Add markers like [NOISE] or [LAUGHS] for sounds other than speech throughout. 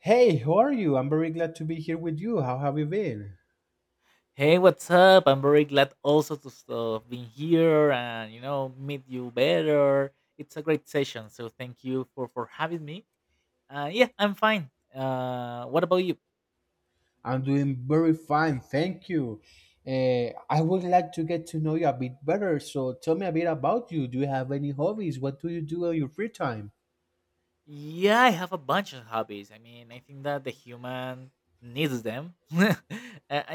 Hey, how are you? I'm very glad to be here with you. How have you been? Hey, what's up? I'm very glad also to have been here and you know meet you better. It's a great session, so thank you for having me. Yeah, I'm fine. What about you? I'm doing very fine, thank you. I would like to get to know you a bit better. So tell me a bit about you. Do you have any hobbies? What do you do on your free time? Yeah, I have a bunch of hobbies. I mean, I think that the human needs them. [LAUGHS]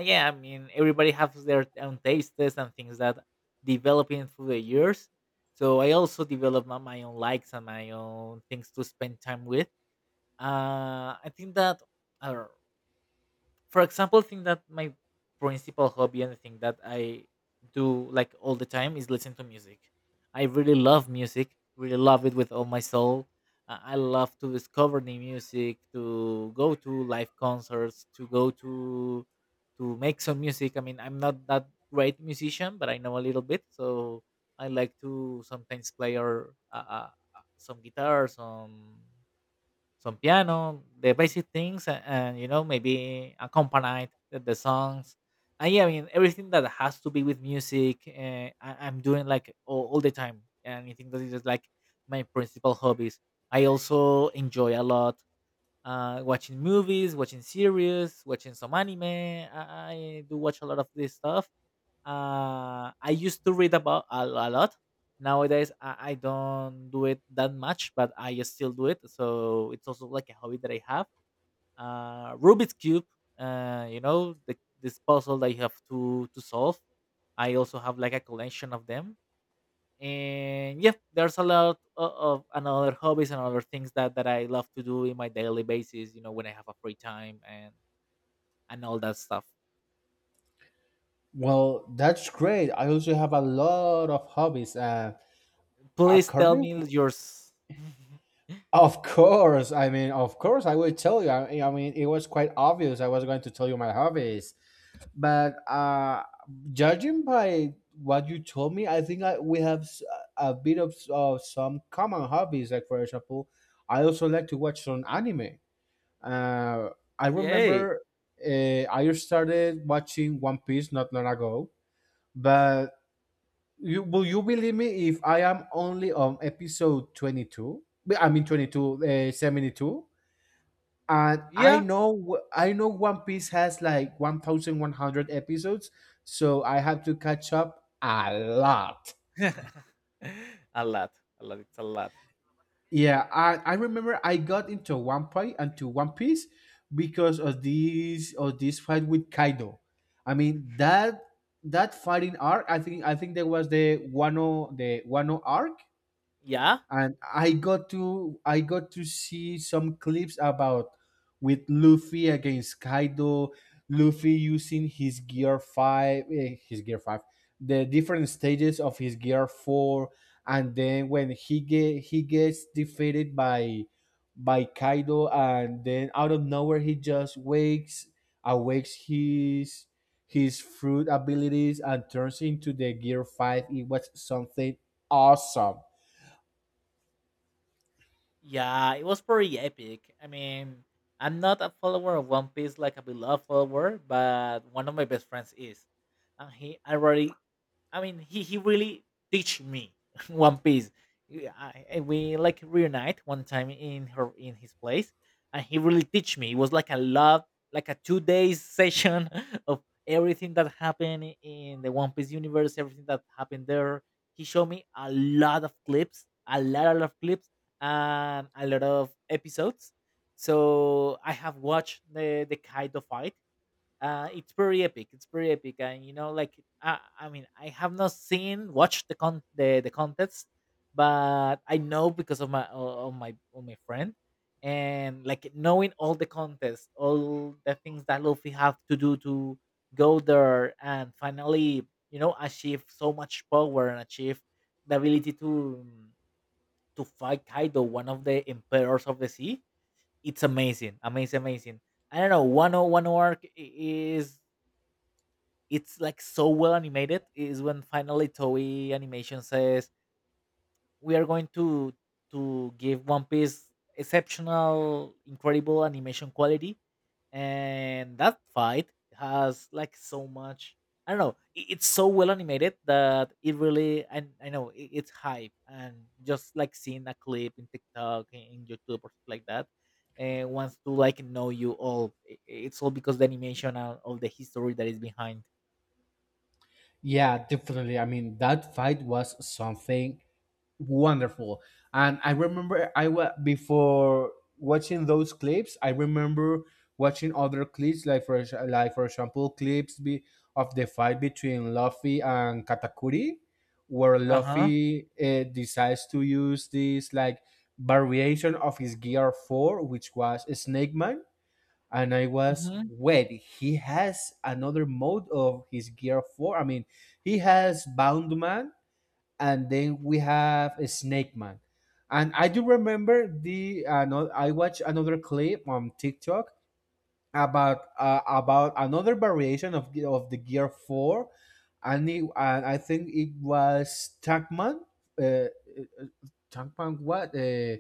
Yeah, I mean, everybody has their own tastes and things that developing through the years. So I also develop my own likes and my own things to spend time with. I think that. I For example, thing that my principal hobby and the thing that I do like all the time is listen to music. I really love music, really love it with all my soul. I love to discover new music, to go to live concerts, to go to make some music. I mean, I'm not that great musician, but I know a little bit, so I like to sometimes play or some guitar, some piano, the basic things, and you know maybe accompany the songs. And yeah, I mean everything that has to be with music, I'm doing like all the time. And I think that is just like my principal hobbies. I also enjoy a lot, watching movies, watching series, watching some anime. I do watch a lot of this stuff. I used to read about a lot. Nowadays, I don't do it that much, but I still do it. So it's also like a hobby that I have. Rubik's cube. You know, this puzzle that you have to solve. I also have like a collection of them. And yeah, there's a lot of another hobbies and other things that I love to do in my daily basis. You know, when I have a free time and all that stuff. Well, that's great. I also have a lot of hobbies. Please tell According, me yours. of course. I mean, of course, I will tell you. I mean, it was quite obvious. I was going to tell you my hobbies, but judging by what you told me, I think we have a bit of some common hobbies, like for example, I also like to watch some anime. uh I [LAUGHS] Yay. remember, I started watching One Piece not long ago. But you, believe me, if I am only on episode 22? I mean 22, 72. And I Yeah, know I know One Piece has like 1100 episodes, so I have to catch up a lot. [LAUGHS] a lot, a lot. It's a lot. Yeah, I remember I got into One Piece because of this fight with Kaido. I mean that fighting arc. I think that was the Wano arc. Yeah, And I got to see some clips, about with Luffy against Kaido. Luffy using his gear five, the different stages of his gear four, and then when he gets defeated by Kaido, and then out of nowhere he just wakes awakes his fruit abilities and turns into the gear five. It was something awesome. yeah, it was pretty epic. I mean, I'm not a follower of One Piece like a beloved follower, but one of my best friends is, and he already, I mean, he really teach me, [LAUGHS] One Piece. We like reunite one time in his place, and he really teach me. It was like a lot, like a 2 days session [LAUGHS] of everything that happened in the One Piece universe, everything that happened there. He showed me a lot of clips, a lot of clips, and a lot of episodes. So I have watched the Kaido fight. Uh, it's pretty epic. It's pretty epic, and you know, like, I mean, I have not seen watched the con the contest, but I know because of my of my friend, and like knowing all the contests, all the things that Luffy have to do to go there and finally, you know, achieve so much power and achieve the ability to fight Kaido, one of the emperors of the sea. It's amazing, amazing, amazing. I don't know. One oh arc is it's like so well animated is when finally Toei Animation says we are going to give One Piece exceptional, incredible animation quality, and that fight has like so much. I don't know. It's so well animated that it really, and I know it's hype, and just like seeing a clip in TikTok, in YouTube, or stuff like that, and wants to like know you all. It's all because the animation and all the history that is behind. Yeah, definitely. I mean, that fight was something wonderful. And I remember, I was, before watching those clips, I remember watching other clips, like for example, clips, of the fight between Luffy and Katakuri, where Uh huh. Luffy decides to use this like variation of his gear 4, which was Snake Man. And I was, Mhm. wait, he has another mode of his Gear 4. I mean, he has Boundman, and then we have a Snake Man. And I do remember the, no, I watched another clip on TikTok about, about another variation of the Gear 4, and I think it was Tankman. Uh, uh, uh, Tankman what?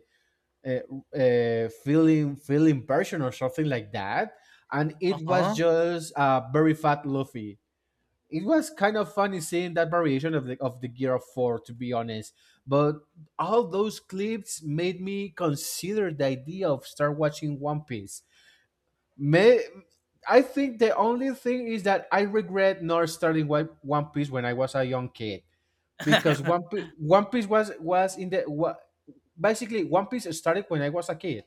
uh, feeling person or something like that. And it was Uh-huh. just a very fat Luffy. It was kind of funny seeing that variation of the gear of four, to be honest. But all those clips made me consider the idea of start watching One Piece. May, I think the only thing is that I regret not starting One Piece when I was a young kid, because one, [LAUGHS] Piece one piece was. Basically, One Piece started when I was a kid.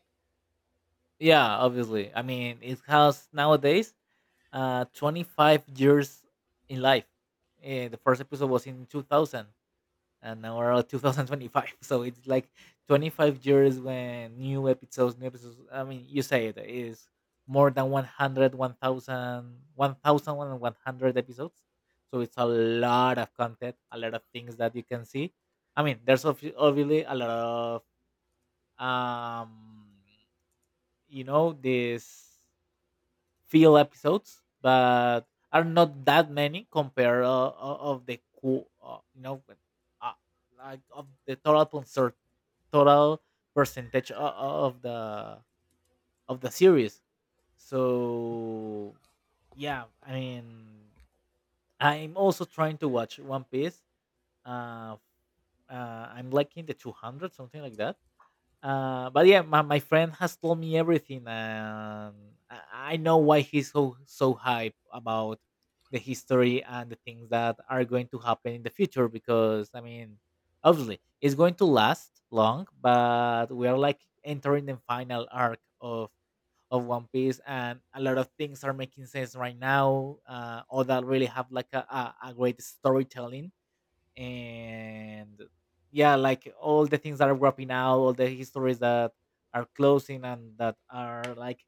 Yeah, obviously. I mean, it has nowadays 25 years in life. Eh, the first episode was in 2000 and now we're at 2025. [LAUGHS] So it's like 25 years when new episodes, new episodes. I mean, you say it is more than 100 episodes. So it's a lot of content, a lot of things that you can see. I mean, there's obviously a lot of, um you know, these few episodes, but are not that many compared, you know, but, uh, like of the total concert total percentage of the series. So yeah, I mean I'm also trying to watch One Piece. uh, uh I'm liking the 200 something like that. But yeah, my friend has told me everything, and I know why he's so hype about the history and the things that are going to happen in the future. Because I mean, obviously, it's going to last long, but we are like entering the final arc of One Piece, and a lot of things are making sense right now. All that really have like a great storytelling, and yeah, like all the things that are wrapping out, all the histories that are closing and that are like,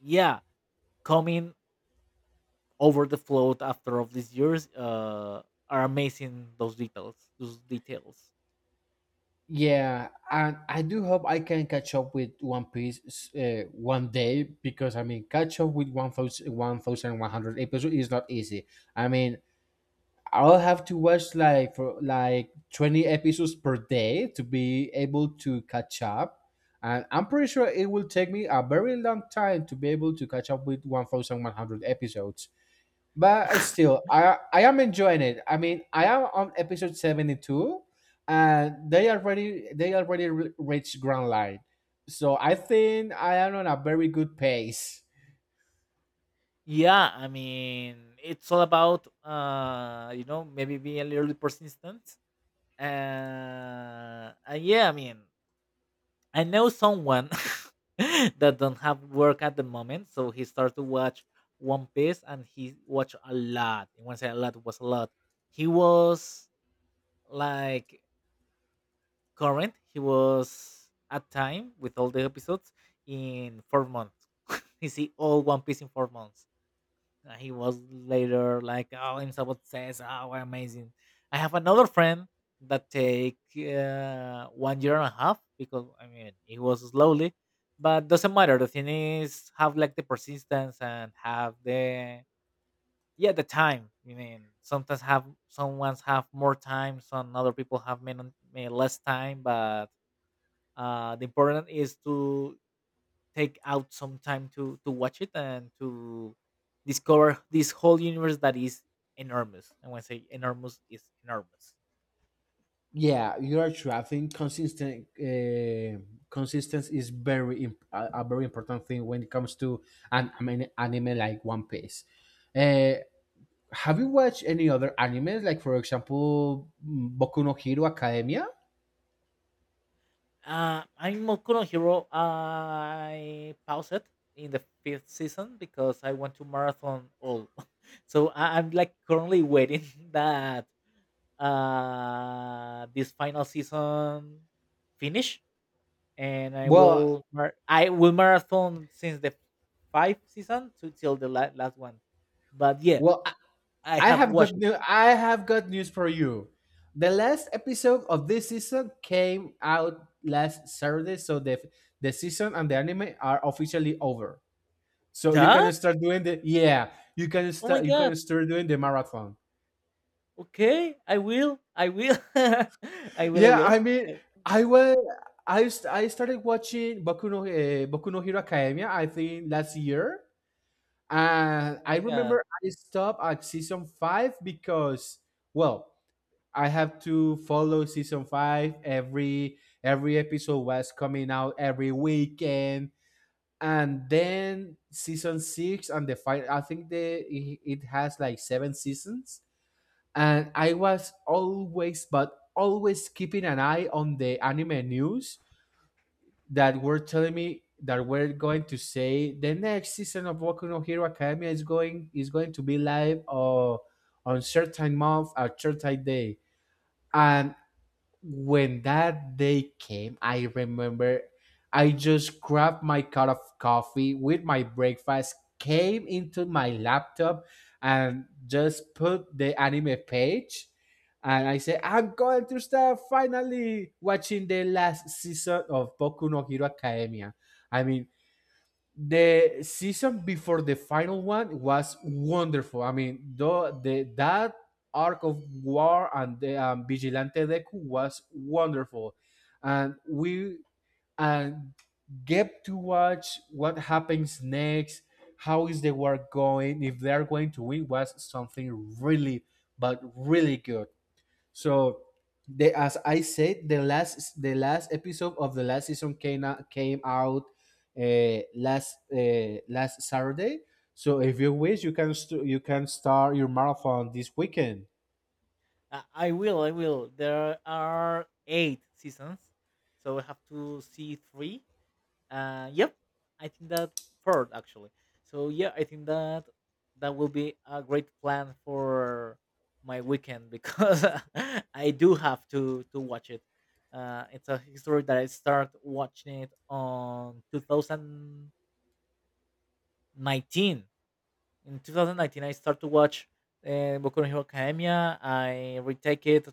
yeah, coming over the float after all these years. Uh, are amazing those details, Yeah, and I do hope I can catch up with One Piece, one day, because I mean, catch up with one thousand one thousand one hundred episodes is not easy. I mean, I'll have to watch, like 20 episodes per day, to be able to catch up. And I'm pretty sure it will take me a very long time to be able to catch up with 1,100 episodes. But still, I am enjoying it. I mean, I am on episode 72, and they already reached Grand Line, so I think I am on a very good pace. yeah. I mean it's all about, you know, maybe being a little bit persistent. And yeah, I mean, I know someone [LAUGHS] that don't have work at the moment, so he started to watch One Piece, and he watched a lot. And when I say a lot, it was a lot. He was like current. He was at time with all the episodes in 4 months. [LAUGHS] He see all One Piece in 4 months. He was later like, oh, himself says, oh, we're amazing. I have another friend that take, 1 year and a half, because I mean it was slowly, but doesn't matter. The thing is have like the persistence and have the, yeah, the time. I mean sometimes have some ones have more time, some other people have, less time, but the important is to take out some time to watch it and to discover this whole universe that is enormous. And when I say enormous, is enormous. Yeah, you are true. I think consistent consistency is a very important thing when it comes to I mean, anime like One Piece. Uh, have you watched any other animes, like for example, Boku no Hero Academia? I'm Mokuno Hero. I paused it in the fifth season because I want to marathon all. [LAUGHS] So I'm like currently waiting [LAUGHS] that, this final season finish, and I Well, will I will marathon since the five season to till the last one. But yeah, well, I, I I have have watched good it. new I have good news for you. The last episode of this season came out last Saturday, so the season and the anime are officially over. So you can Duh! start doing the, yeah, you can Oh my start you can god. start doing the marathon. Okay, I will. I will. [LAUGHS] I will. I Yeah, will. I mean, Because, I was I st- I started watching Boku no Hero Academia. I think last year, and oh I my god. remember I stopped at season five because well, I have to follow season five. Every episode was coming out every weekend, and then season six and the final. I think the it, it has like seven seasons, and I was always but always keeping an eye on the anime news that were telling me that we're going to say the next season of Boku no Hero Academia is going to be live or on certain month or certain day and when that day came, I remember I just grabbed my cup of coffee with my breakfast, came into my laptop, and just put the anime page. And I said, I'm going to start finally watching the last season of Boku no Hero Academia. I mean, the season before the final one was wonderful. I mean, the that arc of war and the vigilante Deku was wonderful, and we and get to watch what happens next. How is the war going? If they are going to win, was something really, but really good. So they, as I said, the last episode of the last season came out last last Saturday. So if you wish, you can st- you can start your marathon this weekend. I will. I will. There are eight seasons, so I have to see three. Yep, I think that third actually. So yeah, I think that will be a great plan for my weekend, because [LAUGHS] I do have to watch it. It's a history that I start watching it on 2019. In 2019, I start to watch, Boku no Hero Academia. I retake it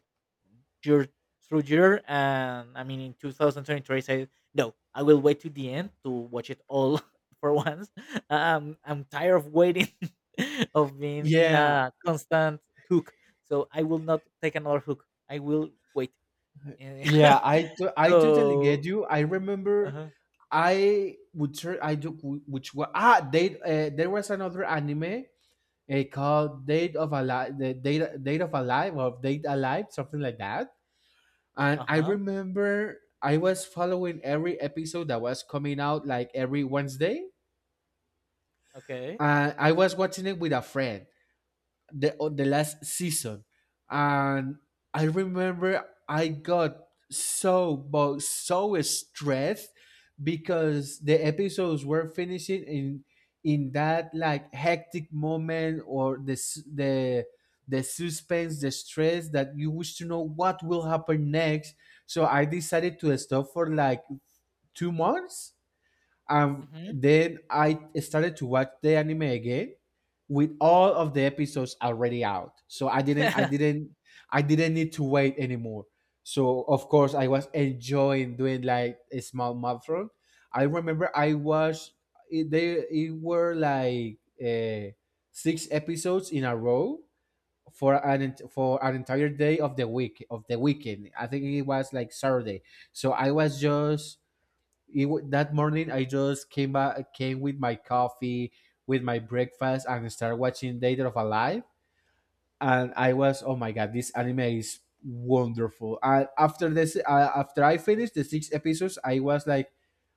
your your, and I mean in 2023 I said no, I will wait to the end to watch it all [LAUGHS] for once. I'm tired of waiting, [LAUGHS] of being in Yeah, a constant hook, so I will not take another hook. I will wait. Eh, yeah, I to- [LAUGHS] I totally get so, you. I remember, uh-huh, I would try, I do which was ah date there was another anime, called Date of Alive. The Date of Alive, or Date Alive, something like that. And I uh-huh, remember I was following every episode that was coming out like every Wednesday. okay, And I was watching it with a friend, the on the last season, and I remember I got so but so stressed because the episodes were finishing in that like hectic moment, or the suspense, the stress, that you wish to know what will happen next. So I decided to stop for like 2 months, and hmm, then I started to watch the anime again, with all of the episodes already out. So I didn't I [LAUGHS] didn't I didn't need to wait anymore. So of course, I was enjoying doing like a small marathon. I remember I watched it. They it were like, six episodes in a row, for an entire day of the week of the weekend. I think it was like Saturday. So I was just, that morning I just came back, came with my coffee, with my breakfast, and started watching Dead of Alive. And I was, oh my god, this anime is wonderful. And after this, after I finished the six episodes, I was like,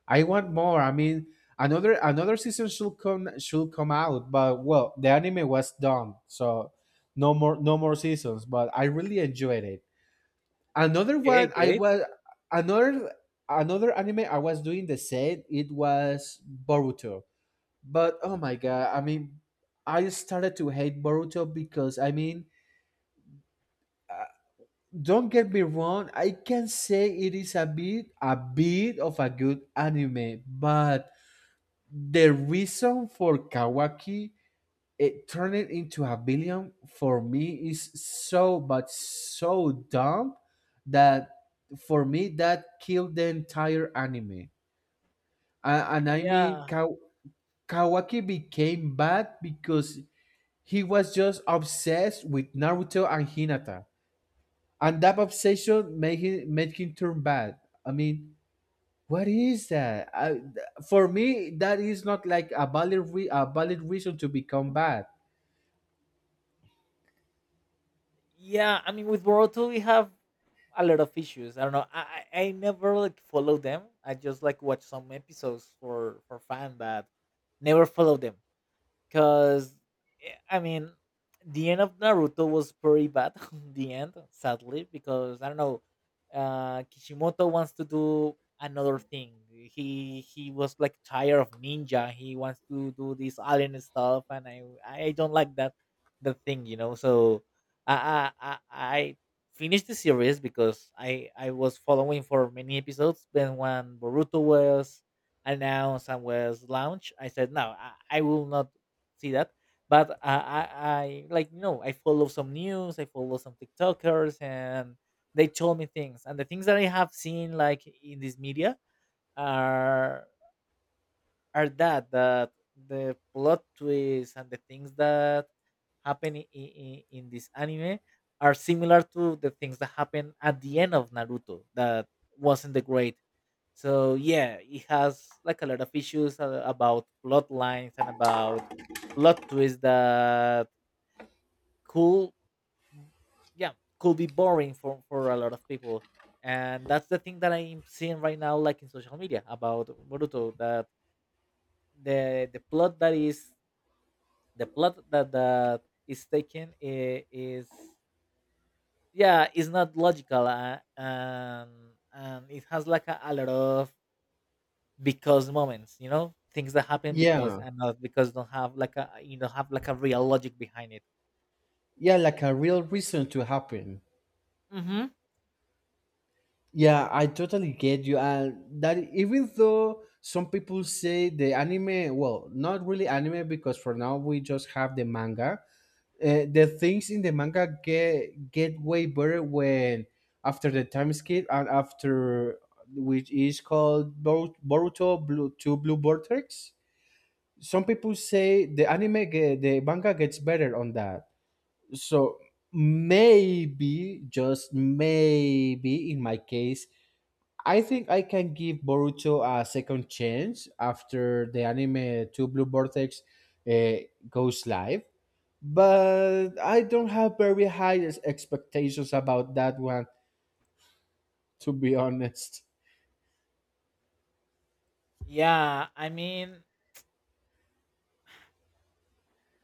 I want more. I mean, another season should come out, but well, the anime was done, so no more seasons. But I really enjoyed it. Another okay, one get I it, was another another anime I was doing the same. It was Boruto, but oh my god! I mean, I started to hate Boruto because, I mean, uh, don't get me wrong. I can say it is a bit of a good anime, but the reason for Kawaki, it turned it into a billion for me, is so but so dumb, that for me that killed the entire anime. And I mean, yeah. Kawaki became bad because he was just obsessed with Naruto and Hinata, and that obsession made him turn bad. I mean, what is that? For me, that is not like a valid reason to become bad. Yeah, I mean, with Boruto we have a lot of issues. I don't know. I never like follow them. I just like watch some episodes for fun, but never follow them. Cause, I mean, the end of Naruto was pretty bad. [LAUGHS] The end, sadly, because I don't know. Kishimoto wants to do another thing. He was like tired of ninja. He wants to do this alien stuff, and I don't like that the thing, you know. So I I I, I finished the series because I was following for many episodes. Then when Boruto was announced and was launched, I said, no, I will not see that. But I like, you know, I follow some news, I follow some TikTokers, and they told me things. And the things that I have seen like in this media are, that the plot twists and the things that happen in this anime are similar to the things that happen at the end of Naruto that wasn't the great. So yeah, it has like a lot of issues, about plot lines and about plot twists that could, yeah, could be boring for a lot of people. And that's the thing that I'm seeing right now, like in social media about Boruto, that the plot that is the plot that that is taken I- is yeah, is not logical, and it has like a lot of because moments, you know, things that happen because Yeah, and not because don't have like a, you don't have like a real logic behind it. yeah, like a real reason to happen. Mm-hmm. Yeah, I totally get you. And that, even though some people say the anime, well, not really anime, because for now we just have the manga, the things in the manga get way better when, after the time skip and after, which is called Boruto Blue to Blue Vortex. Some people say the manga gets better on that. So maybe, just maybe, in my case, I think I can give Boruto a second chance after the anime Two Blue Vortex uh, goes live. But I don't have very high expectations about that one, to be honest. yeah I mean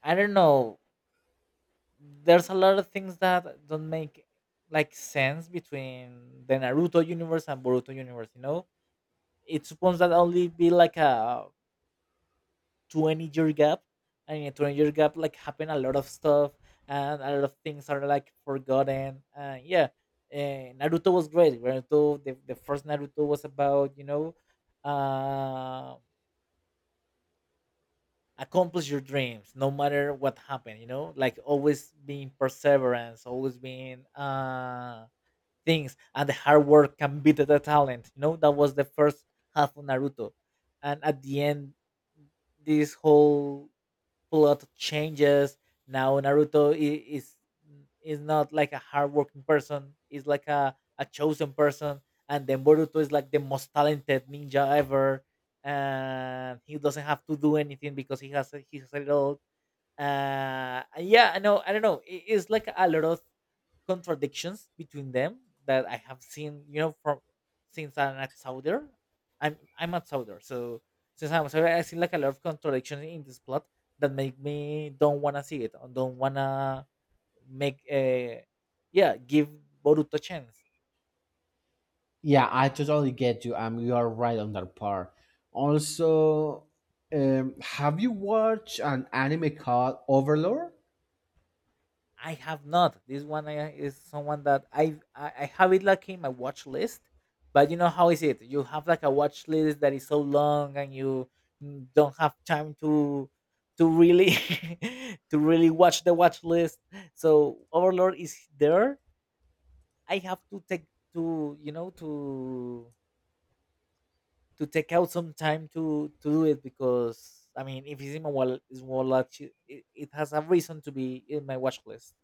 I don't know There's a lot of things that don't make like sense between the Naruto universe and Boruto universe, you know. It's supposed that only be like a 20-year gap. I mean, 20-year gap, like, happened a lot of stuff and a lot of things are like forgotten, yeah. Naruto was great. Naruto, the first Naruto was about, you know, uh, accomplish your dreams no matter what happened, you know, like always being perseverance, always being, uh, things, and the hard work can beat the talent, you know. That was the first half of Naruto, and at the end this whole plot changes. Now Naruto is not like a hardworking person. Is like a chosen person, and then Boruto is like the most talented ninja ever, and he doesn't have to do anything because he has he has it all. Yeah, I know. I don't know. It's like a lot of contradictions between them that I have seen, you know, from since I'm at Souder. I'm at Souder, so since I'm Souder, I see like a lot of contradictions in this plot that make me don't wanna see it, or don't wanna make a, yeah, give Boruto a chance. Yeah, I totally get you. You are right on that part. Also, have you watched an anime called Overlord? I have not. This one is someone that I have it like in my watch list, but you know how is it? You have like a watch list that is so long, and you don't have time to really [LAUGHS] to really watch the watch list. So Overlord is there. I have to take to, you know, to take out some time to do it, because I mean if it's in my wallet, it's wallet, it has a reason to be in my watch list.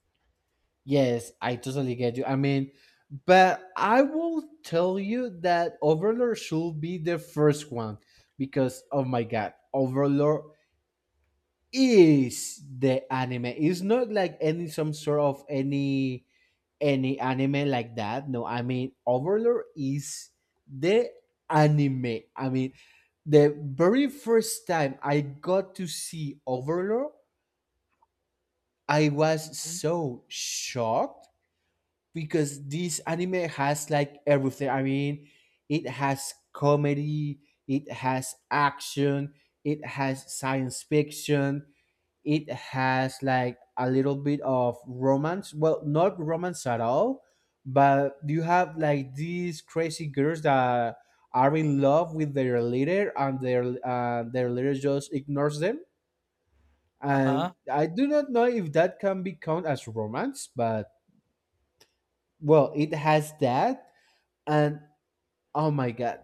Yes, I totally get you. I mean, but I will tell you that Overlord should be the first one, because oh my god, Overlord is the anime. It's not like any, some sort of, any anime like that. No, I mean Overlord is the anime. I mean, the very first time I got to see Overlord, I was Mhm. so shocked because this anime has like everything. I mean, it has comedy, it has action, it has science fiction, it has like a little bit of romance. Well, not romance at all, but you have like these crazy girls that are in love with their leader and their leader just ignores them. Uh huh. And I do not know if that can be count as romance, but well, it has that and oh my god,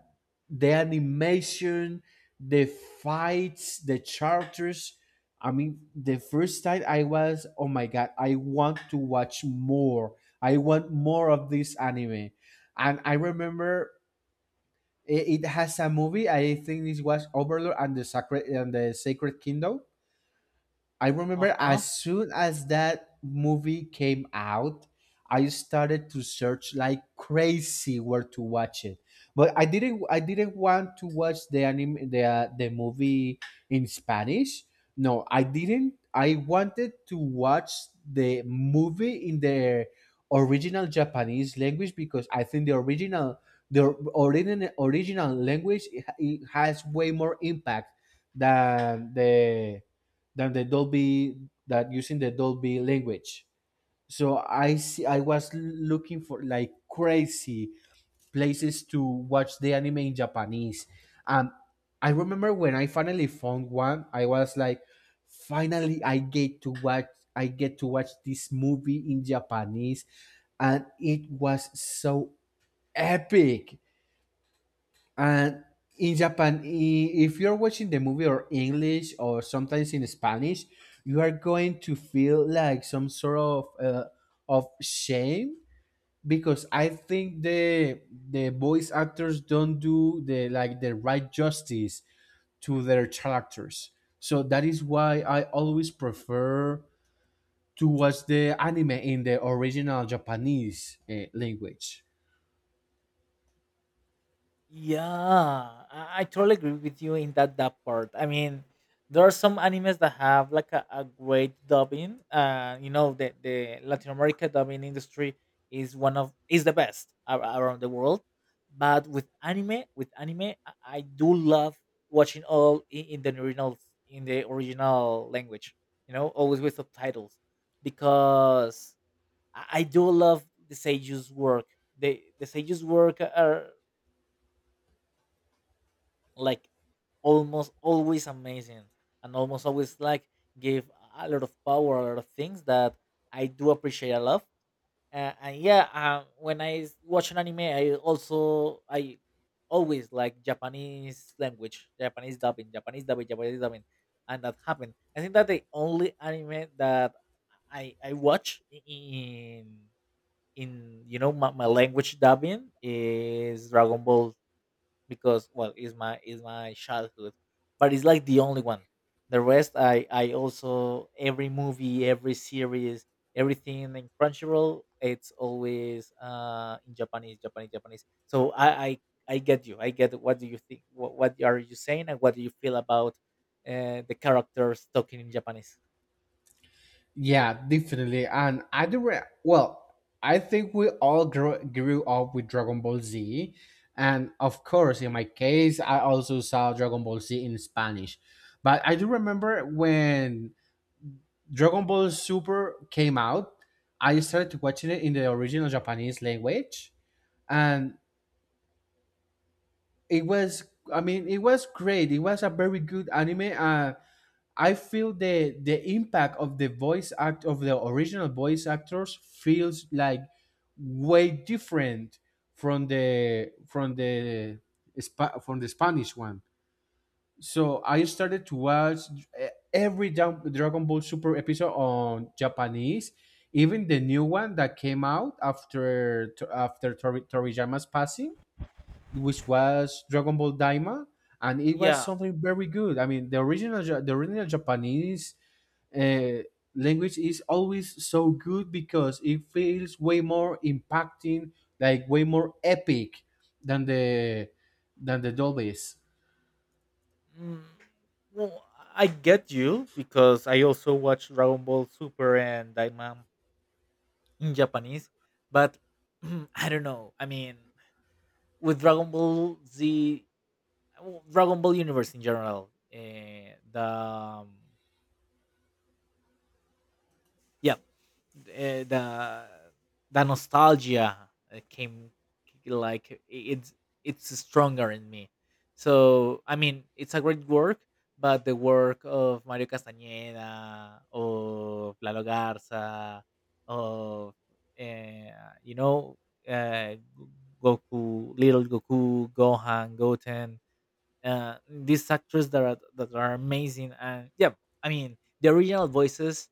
the animation, the fights, the characters. I mean, the first time I was oh my god, I want to watch more, I want more of this anime. And I remember it has a movie. I think this was Overlord and the Sacred Kingdom. I Uh remember huh. as soon as that movie came out, I started to search like crazy where to watch it. But I didn't want to watch the anime the movie in Spanish. No, I didn't. I wanted to watch the movie in the original Japanese language, because I think the original language, it has way more impact than the than the Dolby, that using the Dolby language. So I see I was looking for like crazy places to watch the anime in Japanese. And I remember when I finally found one, I was like, finally I get to watch this movie in Japanese, and it was so epic. And in Japan, if you're watching the movie or English or sometimes in Spanish, you are going to feel like some sort of shame, because I think the voice actors don't do the like the right justice to their characters. So that is why I always prefer to watch the anime in the original Japanese language. Yeah, I totally agree with you in that part. I mean, there are some animes that have like a great dubbing. You know, the Latin America dubbing industry is one of is the best around the world. But with anime, I do love watching all in the original language. You know, always with subtitles, because I do love the Seiju's work. They, the Seiju's work are like almost always amazing and almost always like give a lot of power, a lot of things that I do appreciate a lot. And yeah, when I watch an anime, I also I always like Japanese language, Japanese dubbing, Japanese dubbing, Japanese dubbing, and that happened. I think that the only anime that I watch in, you know, my language dubbing is Dragon Ball, because well is my childhood, but it's like the only one. The rest, I also every movie, every series, everything in Crunchyroll, it's always, uh, in Japanese, Japanese, Japanese. So I get you. I get what do you think, what are you saying and what do you feel about, the characters talking in Japanese? Yeah, definitely. And I do. Well, I think we all grew up with Dragon Ball Z, and of course, in my case, I also saw Dragon Ball Z in Spanish. But I do remember when Dragon Ball Super came out, I started watching it in the original Japanese language, and it was. I mean, it was great. It was a very good anime. I feel the impact of the voice act of the original voice actors feels like way different from the from the from the Spanish one. So I started to watch every Dragon Ball Super episode on Japanese, even the new one that came out after Toriyama's passing, which was Dragon Ball Daima, and it was Yeah. something very good. I mean, the original the original Japanese uh, language is always so good because it feels way more impacting, like way more epic than the than the Dolby's. mm, well, I get you, because I also watch Dragon Ball Super and Diamond in Japanese, but [CLEARS THROAT] I don't know. I mean, with Dragon Ball Z, well, Dragon Ball universe in general, um, yeah, the the nostalgia came like, it's stronger in me. So I mean, it's a great work, but the work of Mario Castañeda, of Lalo Garza, of, you know, uh, Goku, Little Goku, Gohan, Goten, these actors that are amazing. And yeah, I mean the original voices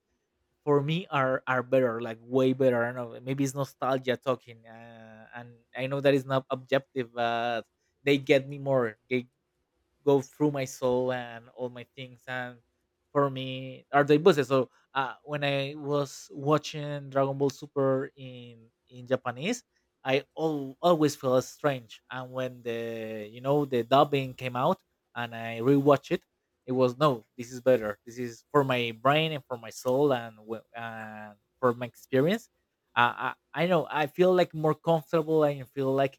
for me are better, like way better. I don't know, maybe it's nostalgia talking, and I know that is not objective, but they get me more, they go through my soul and all my things, and for me are the bosses. So when I was watching Dragon Ball Super in Japanese, I always felt strange, and when the, you know, the dubbing came out and I rewatched it, it was no, this is better, this is for my brain and for my soul and and for my experience. uh, I, I know I feel like more comfortable and feel like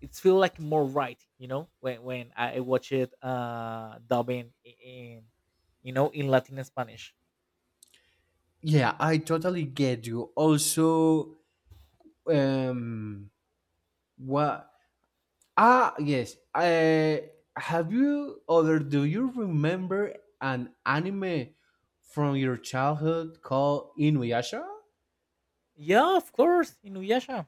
it's feel like more right, you know, when I watch it, uh, dubbing in, you know, in Latin and Spanish. Yeah, I totally get you. Also, um, what? Ah, yes. Have you or do you remember an anime from your childhood called Inuyasha? Yeah, of course, Inuyasha.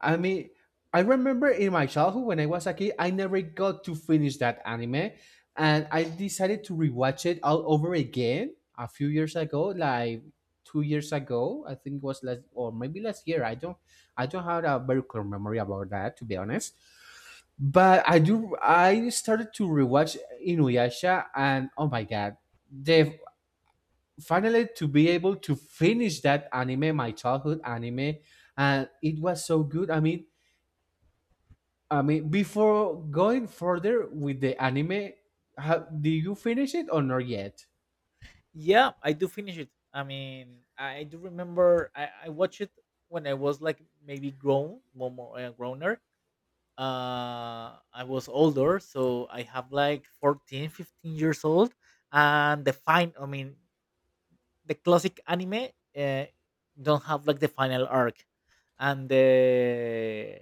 I mean, I remember in my childhood when I was a kid, I never got to finish that anime, and I decided to rewatch it all over again a few years ago, like 2 years ago. I think it was last or maybe last year. I don't have a very clear memory about that, to be honest. But I do. I started to rewatch Inuyasha, and oh my god, they finally to be able to finish that anime, my childhood anime, and it was so good. I mean, before going further with the anime, ha did you finish it or not yet? Yeah, I do finish it. I mean, I do remember I watched it when I was like maybe grown, more more, growner, uh, I was older, so I have like 14, 15 years old, and the fine, I mean, the classic anime, uh, don't have like the final arc, and the,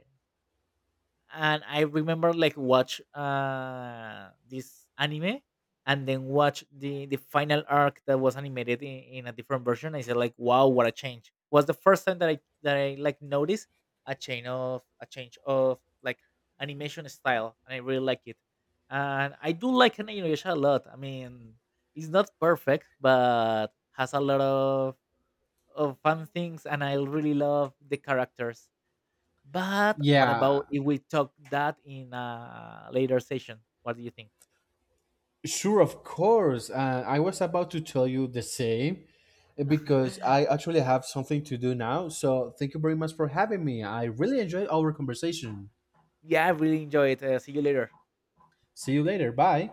and I remember like watch, uh, this anime and then watch the final arc that was animated in a different version. I said like wow, what a change. Was the first time that I like noticed a change of like animation style, and I really like it. And I do like Inuyasha a lot. I mean, it's not perfect but has a lot of fun things, and I really love the characters. But what Yeah, about if we talk that in a later session? What do you think? sure, of course. I was about to tell you the same [LAUGHS] because I actually have something to do now. So thank you very much for having me. I really enjoyed our conversation. Yeah, I really enjoy it. See you later. See you later. Bye.